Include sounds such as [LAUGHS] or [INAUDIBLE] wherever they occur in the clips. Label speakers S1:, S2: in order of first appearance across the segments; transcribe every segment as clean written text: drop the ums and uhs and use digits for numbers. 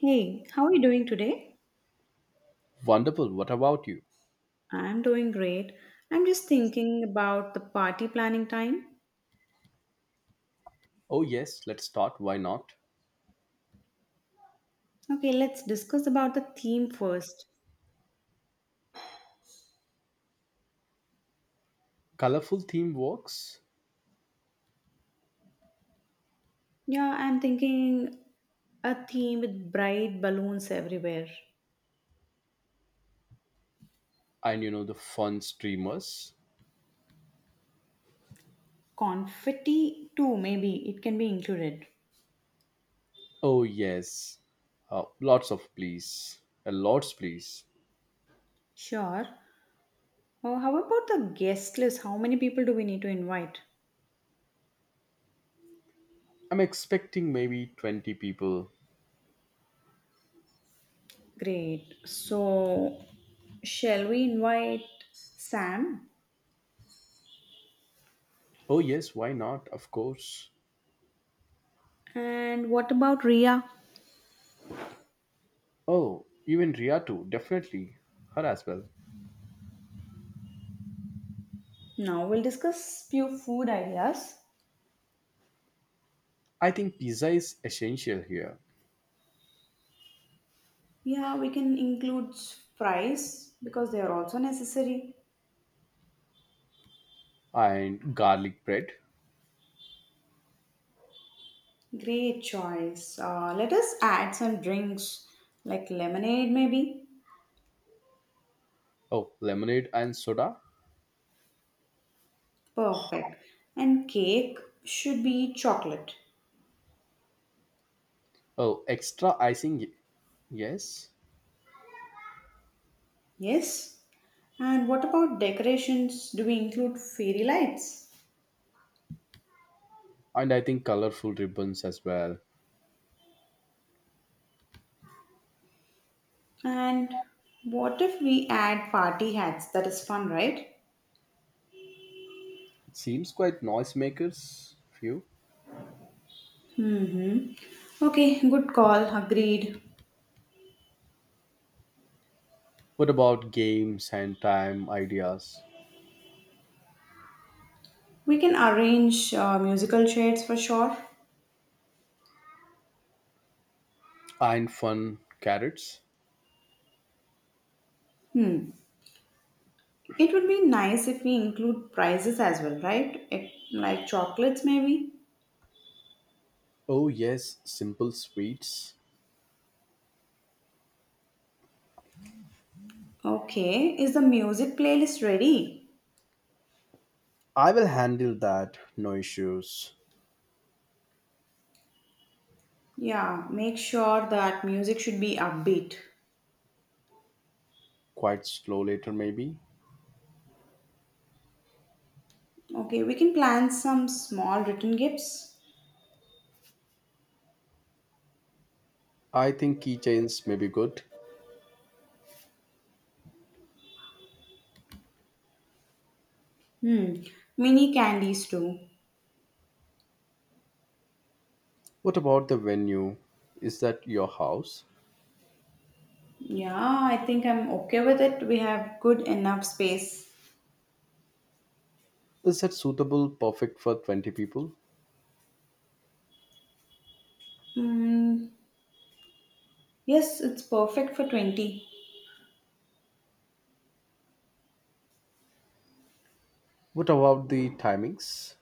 S1: Hey, how are you doing today?
S2: Wonderful. What about you?
S1: I'm doing great. I'm just thinking about the party planning time.
S2: Oh, yes, let's start. Why not?
S1: Okay, let's discuss about the theme first.
S2: Colorful theme works
S1: Yeah, I'm thinking a theme with bright balloons everywhere.
S2: and the fun streamers.
S1: Confetti too, maybe it can be included.
S2: Oh, yes. Lots of please. A lots, please.
S1: Sure. Oh, how about the guest list? How many people do we need to invite?
S2: I'm expecting maybe 20 people.
S1: Great. So, shall we invite Sam?
S2: Oh, yes, why not? Of course.
S1: And what about Ria?
S2: Oh, even Ria too. Definitely. Her as well.
S1: Now we'll discuss few food ideas.
S2: I think pizza is essential here.
S1: Yeah, we can include fries because they are also necessary.
S2: And garlic bread.
S1: Great choice. Let us add some drinks like lemonade, maybe.
S2: Oh, lemonade and soda.
S1: Perfect. And cake should be chocolate.
S2: Oh, extra icing. Yes.
S1: Yes. And what about decorations? Do we include fairy lights?
S2: And I think colorful ribbons as well.
S1: And what if we add party hats? That is fun, right?
S2: It seems quite noisemakers few.
S1: Okay, good call. Agreed.
S2: What about games and time ideas
S1: We can arrange musical chairs for sure.
S2: and fun carrots?
S1: Hmm. It would be nice if we include prizes as well, right? It, like chocolates, maybe.
S2: Oh, yes, simple sweets.
S1: Okay, is the music playlist ready?
S2: I will handle that, no issues.
S1: Yeah, make sure that music should be upbeat.
S2: Quite slow later maybe.
S1: Okay, we can plan some small written gifts.
S2: I think keychains may be good.
S1: Hmm, mini candies too.
S2: What about the venue? Is that your house?
S1: Yeah, I think I'm okay with it. We have good enough space.
S2: Is that suitable perfect for 20 people?
S1: Hmm, yes, it's perfect for 20.
S2: What about the timings?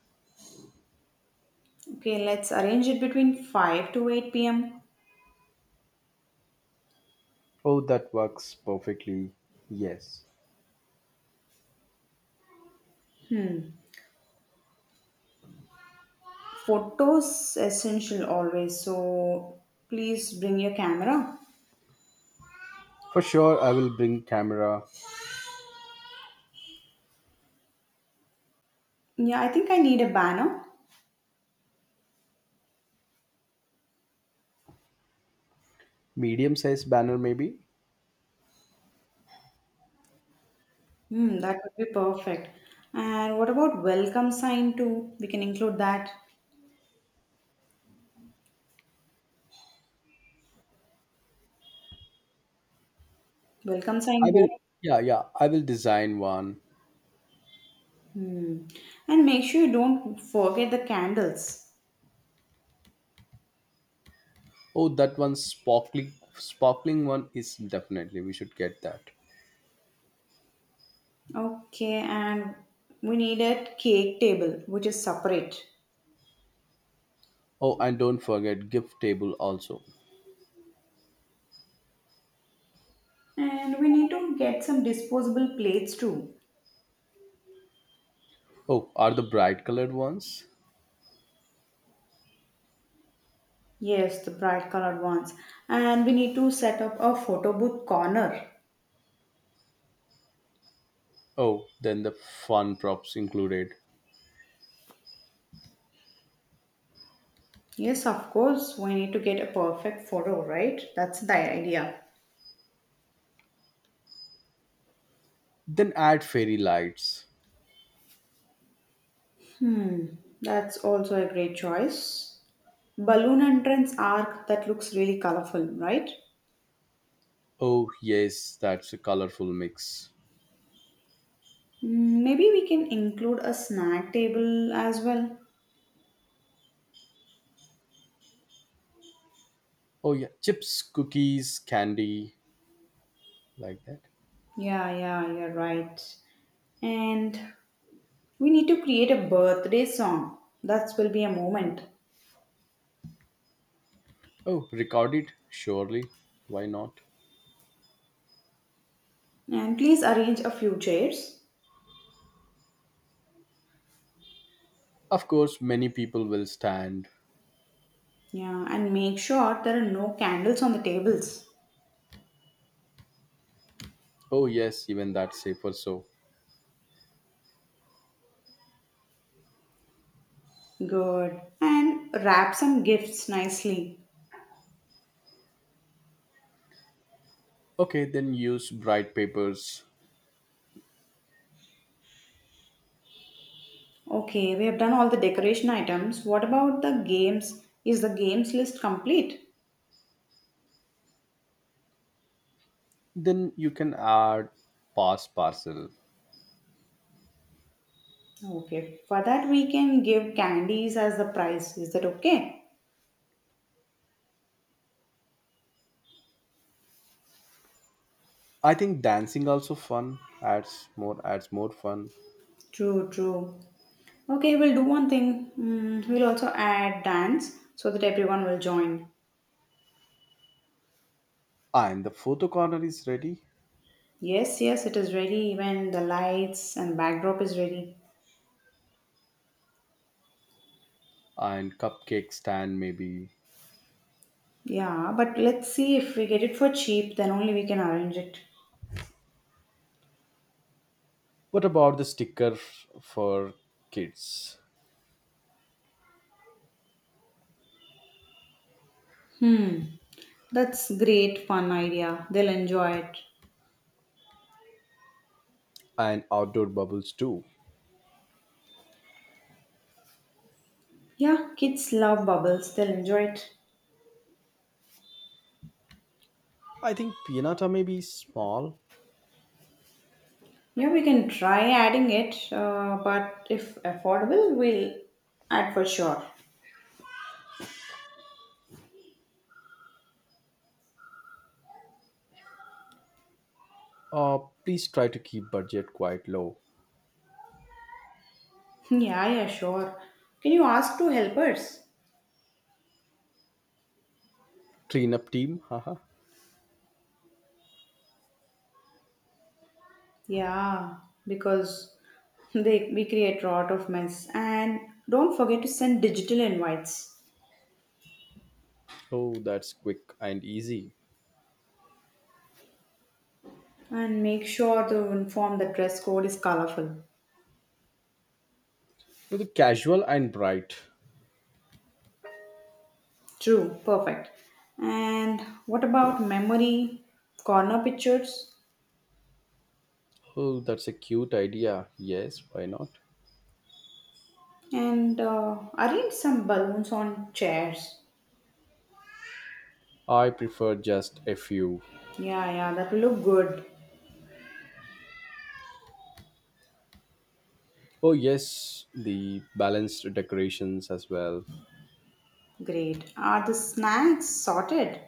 S1: Okay, let's arrange it between 5 to 8 pm.
S2: Oh, that works perfectly. Yes.
S1: Photos essential always, so please bring your camera.
S2: For sure, I will bring camera,
S1: Yeah, I think I need a banner.
S2: medium sized banner maybe.
S1: Hmm, that would be perfect. And what about welcome sign too? We can include that. Welcome
S2: I
S1: sign
S2: will,
S1: board.
S2: yeah, yeah, I will design one.
S1: Hmm. And make sure you don't forget the candles.
S2: Oh, that one sparkling one is definitely we should get that.
S1: Okay, and we need a cake table which is separate.
S2: Oh, and don't forget gift table also.
S1: And we need to get some disposable plates too.
S2: Oh, are the bright colored ones?
S1: Yes, the bright colored ones. And we need to set up a photo booth corner.
S2: Oh, then the fun props included.
S1: Yes, of course, we need to get a perfect photo, right? That's the idea.
S2: Then add fairy lights.
S1: That's also a great choice. Balloon entrance arc that looks really colorful, right?
S2: Oh, yes, that's a colorful mix.
S1: Mm, maybe we can include a snack table as well.
S2: Oh, yeah, chips, cookies, candy, like that.
S1: Yeah, yeah, you're right. And we need to create a birthday song. That will be a moment.
S2: Oh, record it, surely. Why not?
S1: And please arrange a few chairs.
S2: Of course, many people will stand.
S1: Yeah, and make sure there are no candles on the tables.
S2: Oh, yes, even that's safer so.
S1: Good. And wrap some gifts nicely.
S2: Okay, then use bright papers.
S1: Okay, we have done all the decoration items. What about the games? Is the games list complete?
S2: Then you can add pass parcel.
S1: Okay, for that we can give candies as the prize. Is that okay?
S2: I think dancing also fun adds more fun.
S1: True, true. Okay, we'll do one thing. Mm, we'll also add dance so that everyone will join.
S2: And the photo corner is ready.
S1: Yes, yes, it is ready. Even the lights and backdrop is ready.
S2: And cupcake stand maybe.
S1: Yeah, but let's see if we get it for cheap, then only we can arrange it.
S2: What about the sticker for kids?
S1: Hmm, that's great fun idea. They'll enjoy it.
S2: And outdoor bubbles too.
S1: Yeah, kids love bubbles. They'll enjoy it.
S2: I think pianata may be small.
S1: Yeah, we can try adding it, but if affordable, we'll add for sure. [LAUGHS]
S2: Uh, please try to keep budget quite low.
S1: Yeah, yeah, sure. Can you ask two helpers?
S2: Clean up team, haha.
S1: Yeah, because [LAUGHS] they we create a lot of mess. And don't forget to send digital invites
S2: Oh, that's quick and easy.
S1: and make sure to inform the dress code is colorful.
S2: You the casual and bright.
S1: True, perfect. And what about memory, corner pictures,
S2: Oh, that's a cute idea. Yes, why not?
S1: and arrange some balloons on chairs?
S2: I prefer just a few.
S1: Yeah, yeah, that will look good.
S2: Oh, yes, the balanced decorations as well.
S1: Great. Are the snacks sorted?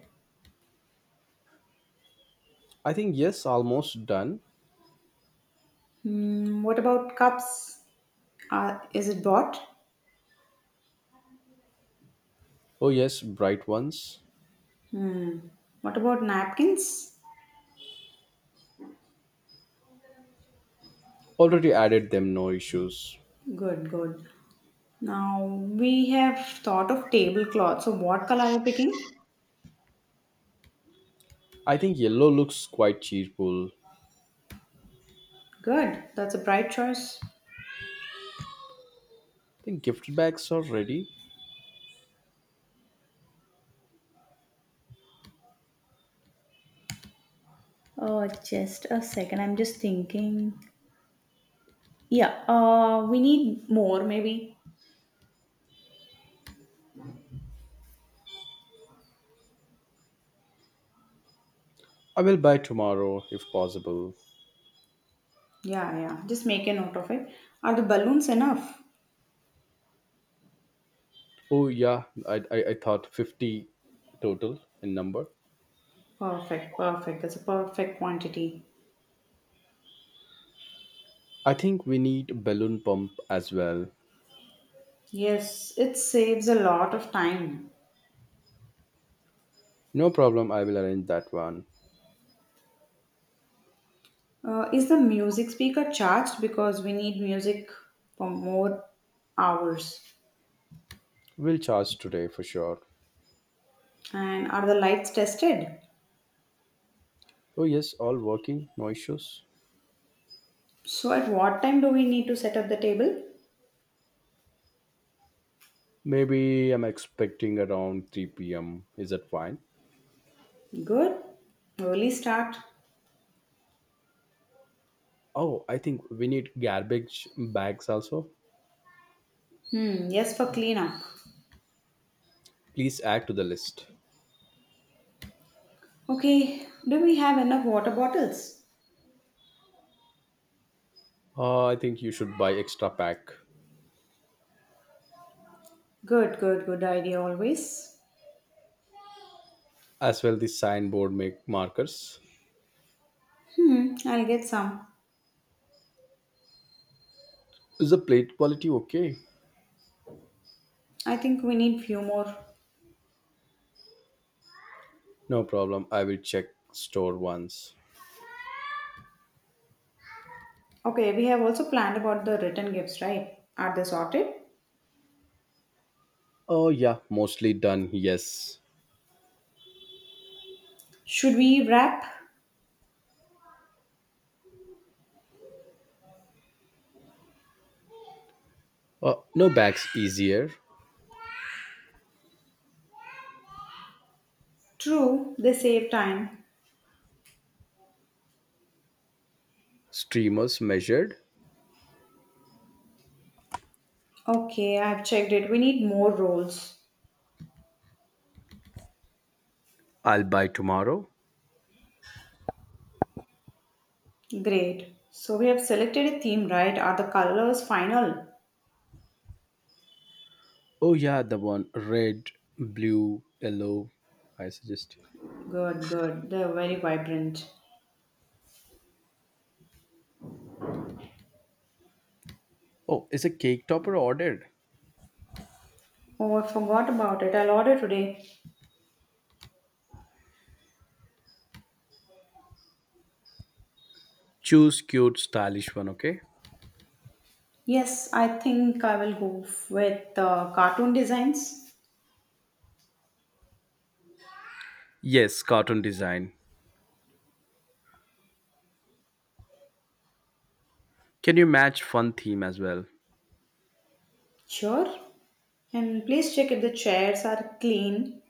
S2: I think, yes, almost done.
S1: Hmm, what about cups? Are is it bought?
S2: Oh, yes, bright ones.
S1: Hmm. What about napkins?
S2: Already added them, no issues.
S1: Good, good. Now we have thought of tablecloth. So what color are you picking?
S2: I think yellow looks quite cheerful. I
S1: Good. That's a bright choice.
S2: think gift bags are ready.
S1: Oh, just a second. I'm just thinking. Yeah, we need more maybe.
S2: I will buy tomorrow if possible.
S1: Yeah, yeah. Just make a note of it. Are the balloons enough?
S2: Oh, yeah, I thought 50 total in number.
S1: Perfect, perfect. That's a perfect quantity.
S2: I think we need balloon pump as well.
S1: Yes, it saves a lot of time.
S2: No problem, I will arrange that one.
S1: Is the music speaker charged? Because we need music for more hours.
S2: We'll charge today for sure.
S1: And are the lights tested?
S2: Oh, yes, all working, no issues.
S1: So, at what time do we need to set up the table?
S2: Maybe I'm expecting around 3 p.m. Is that fine?
S1: Good. Early start.
S2: Oh, I think we need garbage bags also.
S1: Hmm, yes, for cleanup.
S2: Please add to the list.
S1: Okay, do we have enough water bottles?
S2: I think you should buy extra pack
S1: Good, good, good idea always.
S2: as well the signboard make markers.
S1: Hmm, I'll get some.
S2: Is the plate quality okay?
S1: I think we need few more.
S2: No problem. I will check store once.
S1: Okay, we have also planned about the return gifts, right? Are they sorted?
S2: Oh, yeah, mostly done. Yes.
S1: Should we wrap?
S2: No bags easier.
S1: True, they save time.
S2: Streamers measured.
S1: Okay, I've checked it. We need more rolls.
S2: I'll buy tomorrow.
S1: Great. So we have selected a theme, right? Are the colors final?
S2: Oh, yeah, the one red, blue, yellow. I suggest.
S1: Good, good. They're very vibrant.
S2: Oh, is a cake topper ordered?
S1: Oh, I forgot about it. I'll order today.
S2: Choose cute, stylish one, okay?
S1: Yes, I think I will go with cartoon designs.
S2: Yes, cartoon design. Can you match fun theme as well?
S1: Sure. And please check if the chairs are clean.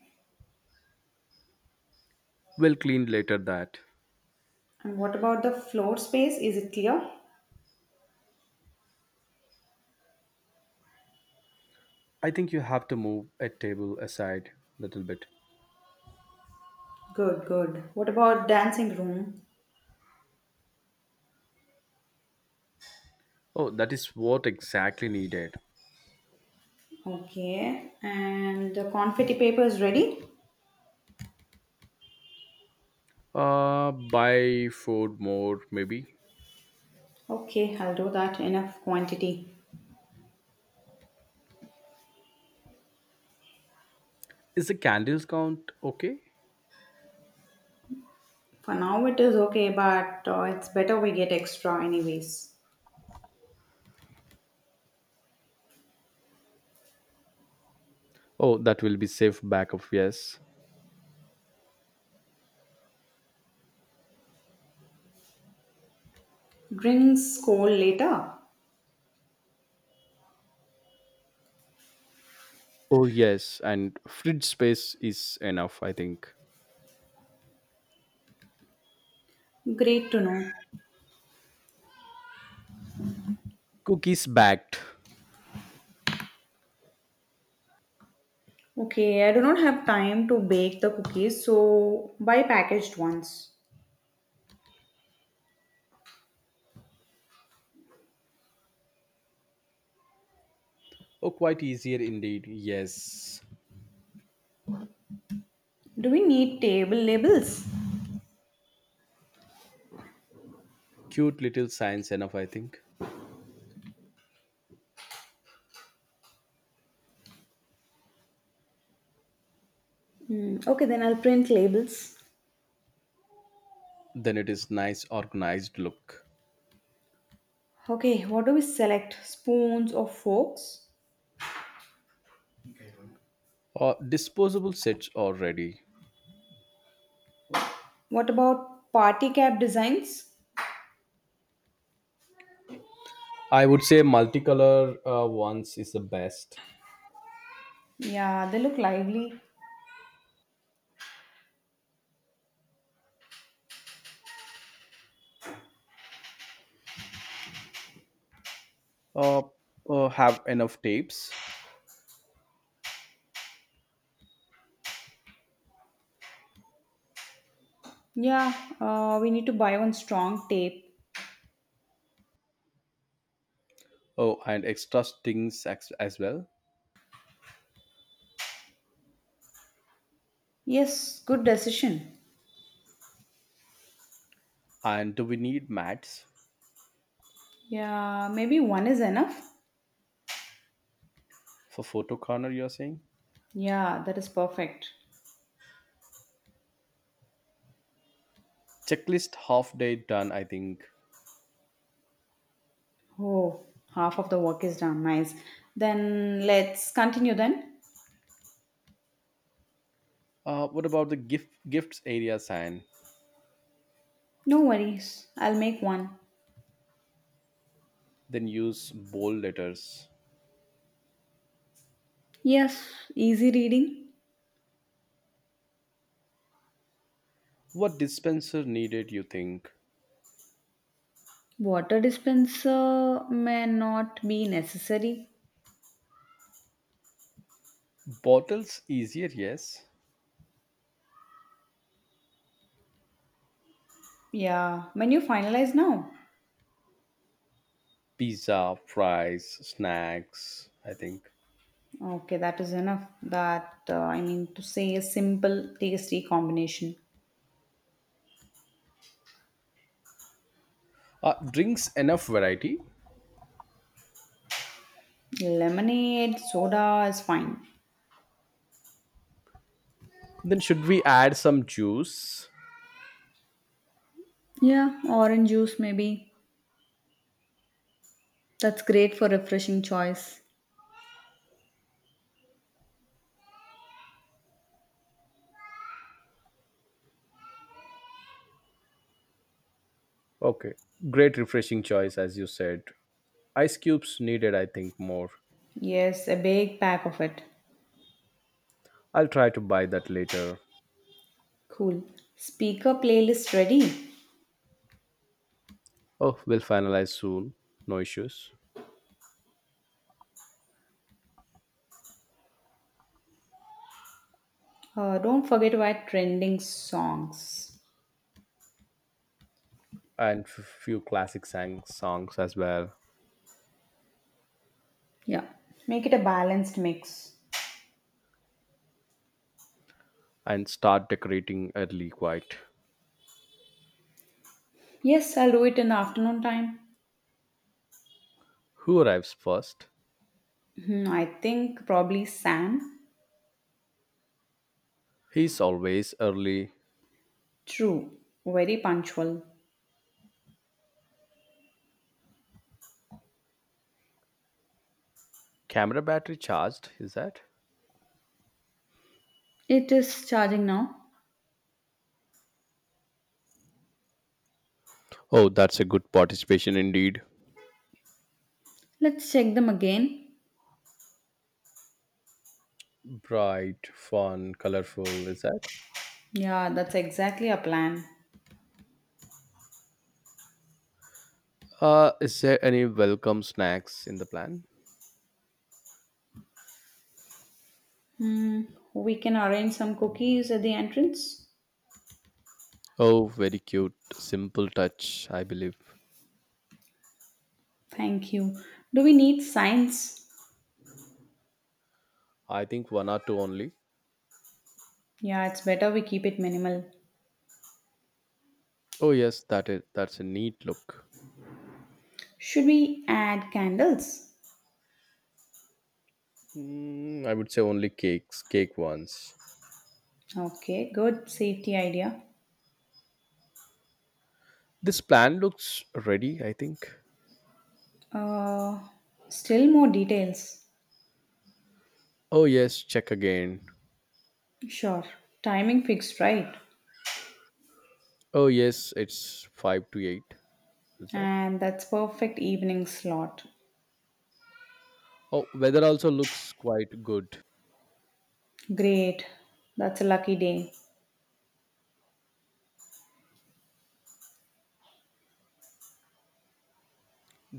S2: We'll clean later that.
S1: And what about the floor space? Is it clear?
S2: I think you have to move a table aside little bit.
S1: Good, good. What about dancing room?
S2: Oh, that is what exactly needed.
S1: Okay. And the confetti paper is ready?
S2: Buy food more maybe.
S1: Okay, I'll do that enough quantity.
S2: Is the candles count okay?
S1: For now it is okay, but it's better we get extra anyways.
S2: Oh, that will be safe backup, yes.
S1: Drinks cold later.
S2: Oh, yes, and fridge space is enough, I think.
S1: Great to know.
S2: Cookies backed.
S1: Okay, I do not have time to bake the cookies, so buy packaged ones.
S2: Oh, quite easier indeed, yes.
S1: Do we need table labels?
S2: Cute little signs enough, I think.
S1: Hmm, okay, then I'll print labels.
S2: Then it is nice organized look.
S1: Okay, what do we select? Spoons or forks?
S2: Disposable sets are ready.
S1: What about party cap designs?
S2: I would say multicolor ones is the best.
S1: Yeah, they look lively.
S2: Uh, have enough tapes.
S1: Yeah, we need to buy one strong tape.
S2: Oh, and extra strings as well.
S1: Yes, good decision.
S2: And do we need mats
S1: Yeah, maybe one is enough.
S2: for photo corner, you're saying?
S1: Yeah, that is perfect.
S2: Checklist half day done, I think.
S1: Oh, half of the work is done. Nice. Then let's continue then.
S2: What about the gift gifts area sign?
S1: No worries, I'll make one.
S2: Then use bold letters.
S1: Yes, easy reading.
S2: What dispenser needed, you think?
S1: Water dispenser may not be necessary.
S2: Bottles easier, yes.
S1: Yeah, when you finalize now.
S2: Pizza, fries, snacks, I think.
S1: Okay, that is enough. That, I mean, to say a simple, tasty combination.
S2: Drinks enough variety.
S1: Lemonade, soda is fine.
S2: Then should we add some juice?
S1: Yeah, orange juice maybe. That's great for refreshing choice.
S2: Okay, great refreshing choice as you said. Ice cubes needed, I think, more.
S1: Yes, a big pack of it.
S2: I'll try to buy that later.
S1: Cool. Speaker playlist ready.
S2: Oh, we'll finalize soon. No issues.
S1: Don't forget to add trending songs.
S2: And few classic songs as well.
S1: Yeah. Make it a balanced mix.
S2: And start decorating early, quite.
S1: Yes, I'll do it in the afternoon time.
S2: Who arrives first?
S1: Hmm, I think probably Sam.
S2: He's always early.
S1: True, very punctual.
S2: Camera battery charged, is that?
S1: It is charging now.
S2: Oh, that's a good participation indeed.
S1: Let's check them again.
S2: Bright, fun, colorful, is that?
S1: Yeah, that's exactly our plan.
S2: Is there any welcome snacks in the plan?
S1: Hmm, we can arrange some cookies at the entrance.
S2: Oh, very cute simple touch, I believe.
S1: Thank you. Do we need signs?
S2: I think one or two only.
S1: Yeah, it's better we keep it minimal.
S2: Oh, yes, that's a neat look.
S1: Should we add candles?
S2: Mm, I would say only cake ones.
S1: Okay, good safety idea.
S2: This plan looks ready, I think.
S1: Uh, still more details.
S2: Oh, yes, check again.
S1: Sure. Timing fixed, right?
S2: Oh, yes, it's 5 to 8. Is that?
S1: And that's perfect evening slot.
S2: Oh, weather also looks quite good.
S1: Great. That's a lucky day.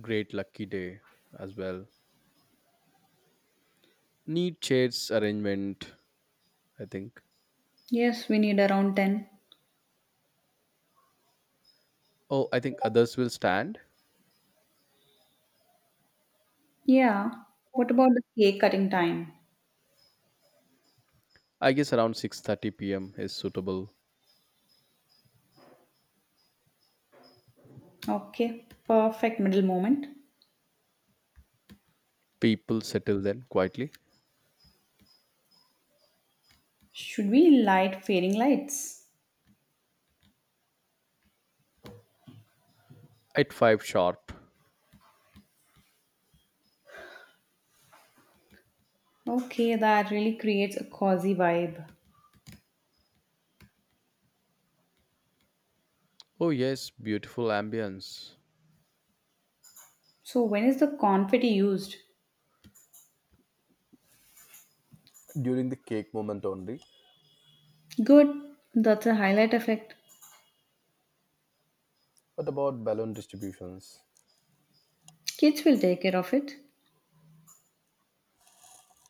S2: Great lucky day as well. Neat shades arrangement, I think.
S1: Yes, we need around 10.
S2: Oh, I think others will stand.
S1: Yeah. What about the cake cutting time?
S2: I guess around 6:30 p.m. is suitable.
S1: Okay. Perfect middle moment.
S2: People settle then quietly
S1: Should we light fairing lights?
S2: at 5 sharp.
S1: Okay, that really creates a cozy vibe.
S2: Oh, yes, beautiful ambience.
S1: So when is the confetti used?
S2: During the cake moment only.
S1: Good. That's a highlight effect.
S2: What about balloon distributions?
S1: Kids will take care of it.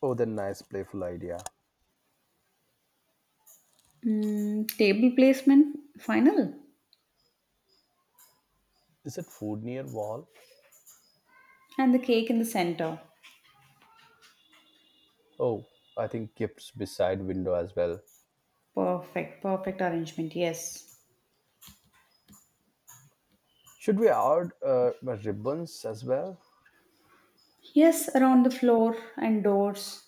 S2: Oh, the nice playful idea.
S1: Mm, table placement final
S2: Is it food near wall?
S1: and the cake in the center.
S2: Oh, I think gifts beside window as well.
S1: Perfect, perfect arrangement. Yes.
S2: Should we add ribbons as well?
S1: Yes, around the floor and doors.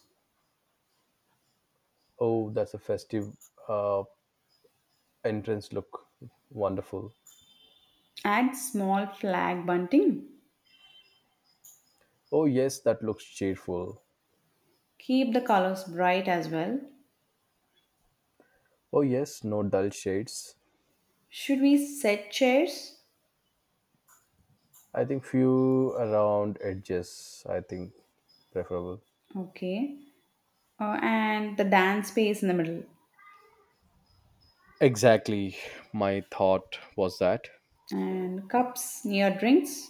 S2: Oh, that's a festive uh, entrance look. Wonderful.
S1: Add small flag bunting.
S2: Oh, yes, that looks cheerful.
S1: Keep the colors bright as well.
S2: Oh, yes, no dull shades.
S1: Should we set chairs?
S2: I think few around edges, I think preferable.
S1: Okay. And the dance space in the middle.
S2: Exactly. My thought was that.
S1: And cups near drinks.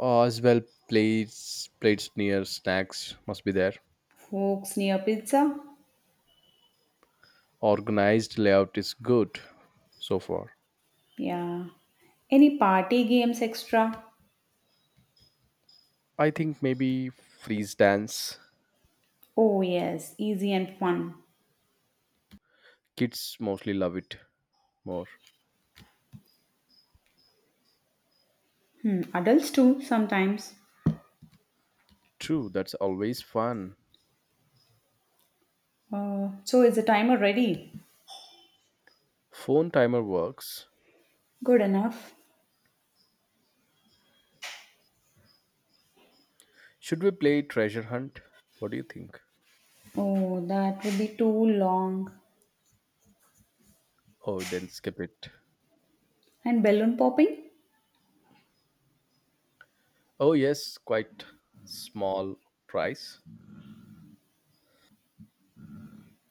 S2: As well, plates near snacks must be there.
S1: Forks near pizza.
S2: Organized layout is good so far.
S1: Yeah. Any party games extra?
S2: I think maybe freeze dance.
S1: Oh, yes. Easy and fun.
S2: Kids mostly love it more.
S1: Hmm. Adults too, sometimes.
S2: True, that's always fun.
S1: So, is the timer ready?
S2: Phone timer works.
S1: Good enough.
S2: Should we play treasure hunt? What do you think?
S1: Oh, that would be too long.
S2: Oh, then skip it.
S1: And balloon popping?
S2: Oh, yes, quite small price.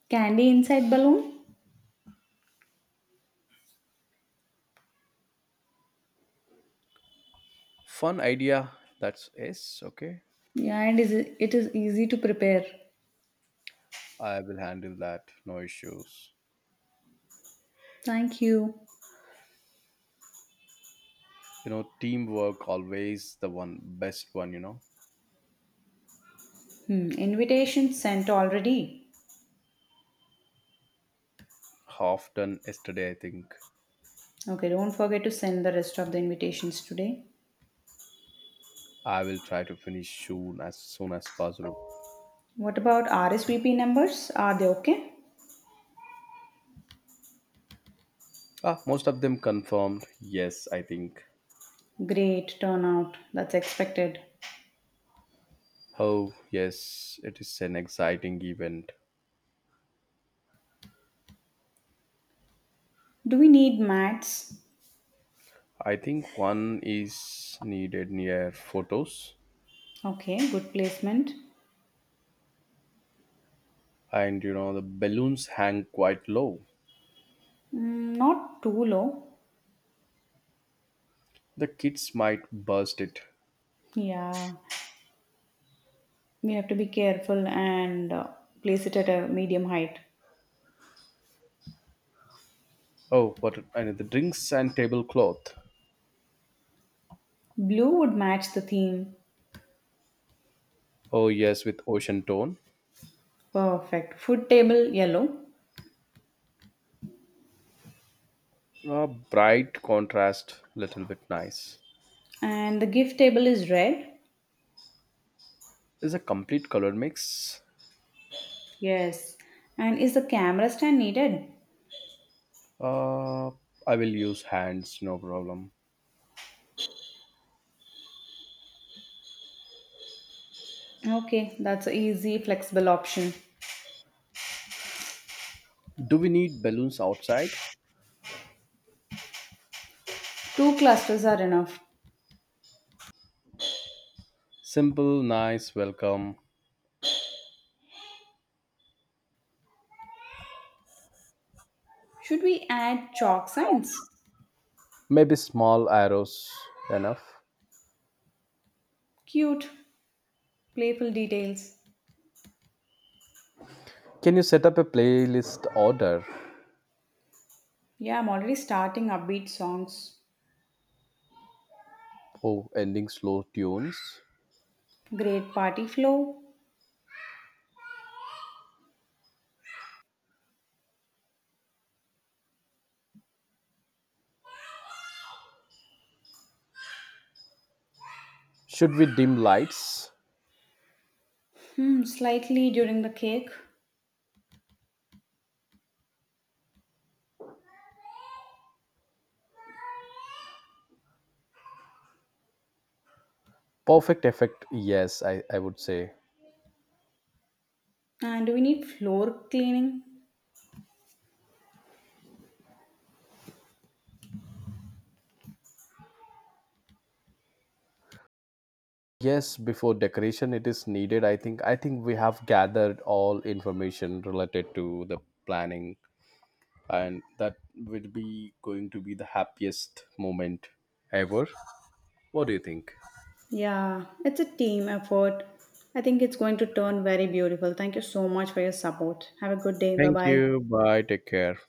S1: Candy inside balloon?
S2: Fun idea. That's yes, okay.
S1: Yeah, and is it is easy to prepare.
S2: I will handle that. No issues.
S1: Thank you.
S2: Teamwork always the one best one.
S1: Hmm, invitation sent already.
S2: Half done yesterday, I think.
S1: Okay, don't forget to send the rest of the invitations today.
S2: I will try to finish soon as possible.
S1: What about RSVP numbers? Are they okay?
S2: Ah, most of them confirmed. Yes, I think.
S1: Great turnout. That's expected.
S2: Oh, yes, it is an exciting event.
S1: Do we need mats?
S2: I think one is needed near photos,
S1: Okay, good placement.
S2: and the balloons hang quite low.
S1: Mm, not too low.
S2: The kids might burst it.
S1: Yeah, we have to be careful and place it at a medium height.
S2: Oh, what and the drinks and tablecloth.
S1: Blue would match the theme.
S2: Oh, yes, with ocean tone.
S1: Perfect. Food table yellow
S2: A bright contrast, little bit nice.
S1: and the gift table is red.
S2: It's a complete color mix.
S1: Yes. And is the camera stand needed?
S2: Uh, I will use hands, no problem.
S1: Okay, that's an easy, flexible option.
S2: Do we need balloons outside?
S1: Two clusters are enough.
S2: Simple, nice, welcome.
S1: Should we add chalk signs?
S2: Maybe small arrows enough.
S1: Cute, playful details.
S2: Can you set up a playlist order?
S1: Yeah, I'm already starting upbeat songs.
S2: Oh, ending slow tunes.
S1: Great party flow.
S2: Should we dim lights?
S1: Hmm, slightly during the cake.
S2: Perfect effect, yes, I would say.
S1: And do we need floor cleaning?
S2: Yes, before decoration it is needed. I think we have gathered all information related to the planning and that will be going to be the happiest moment ever. What do you think?
S1: Yeah, it's a team effort. I think it's going to turn very beautiful. Thank you so much for your support. Have a good day. Bye
S2: Thank
S1: bye.
S2: you. Bye. Take care.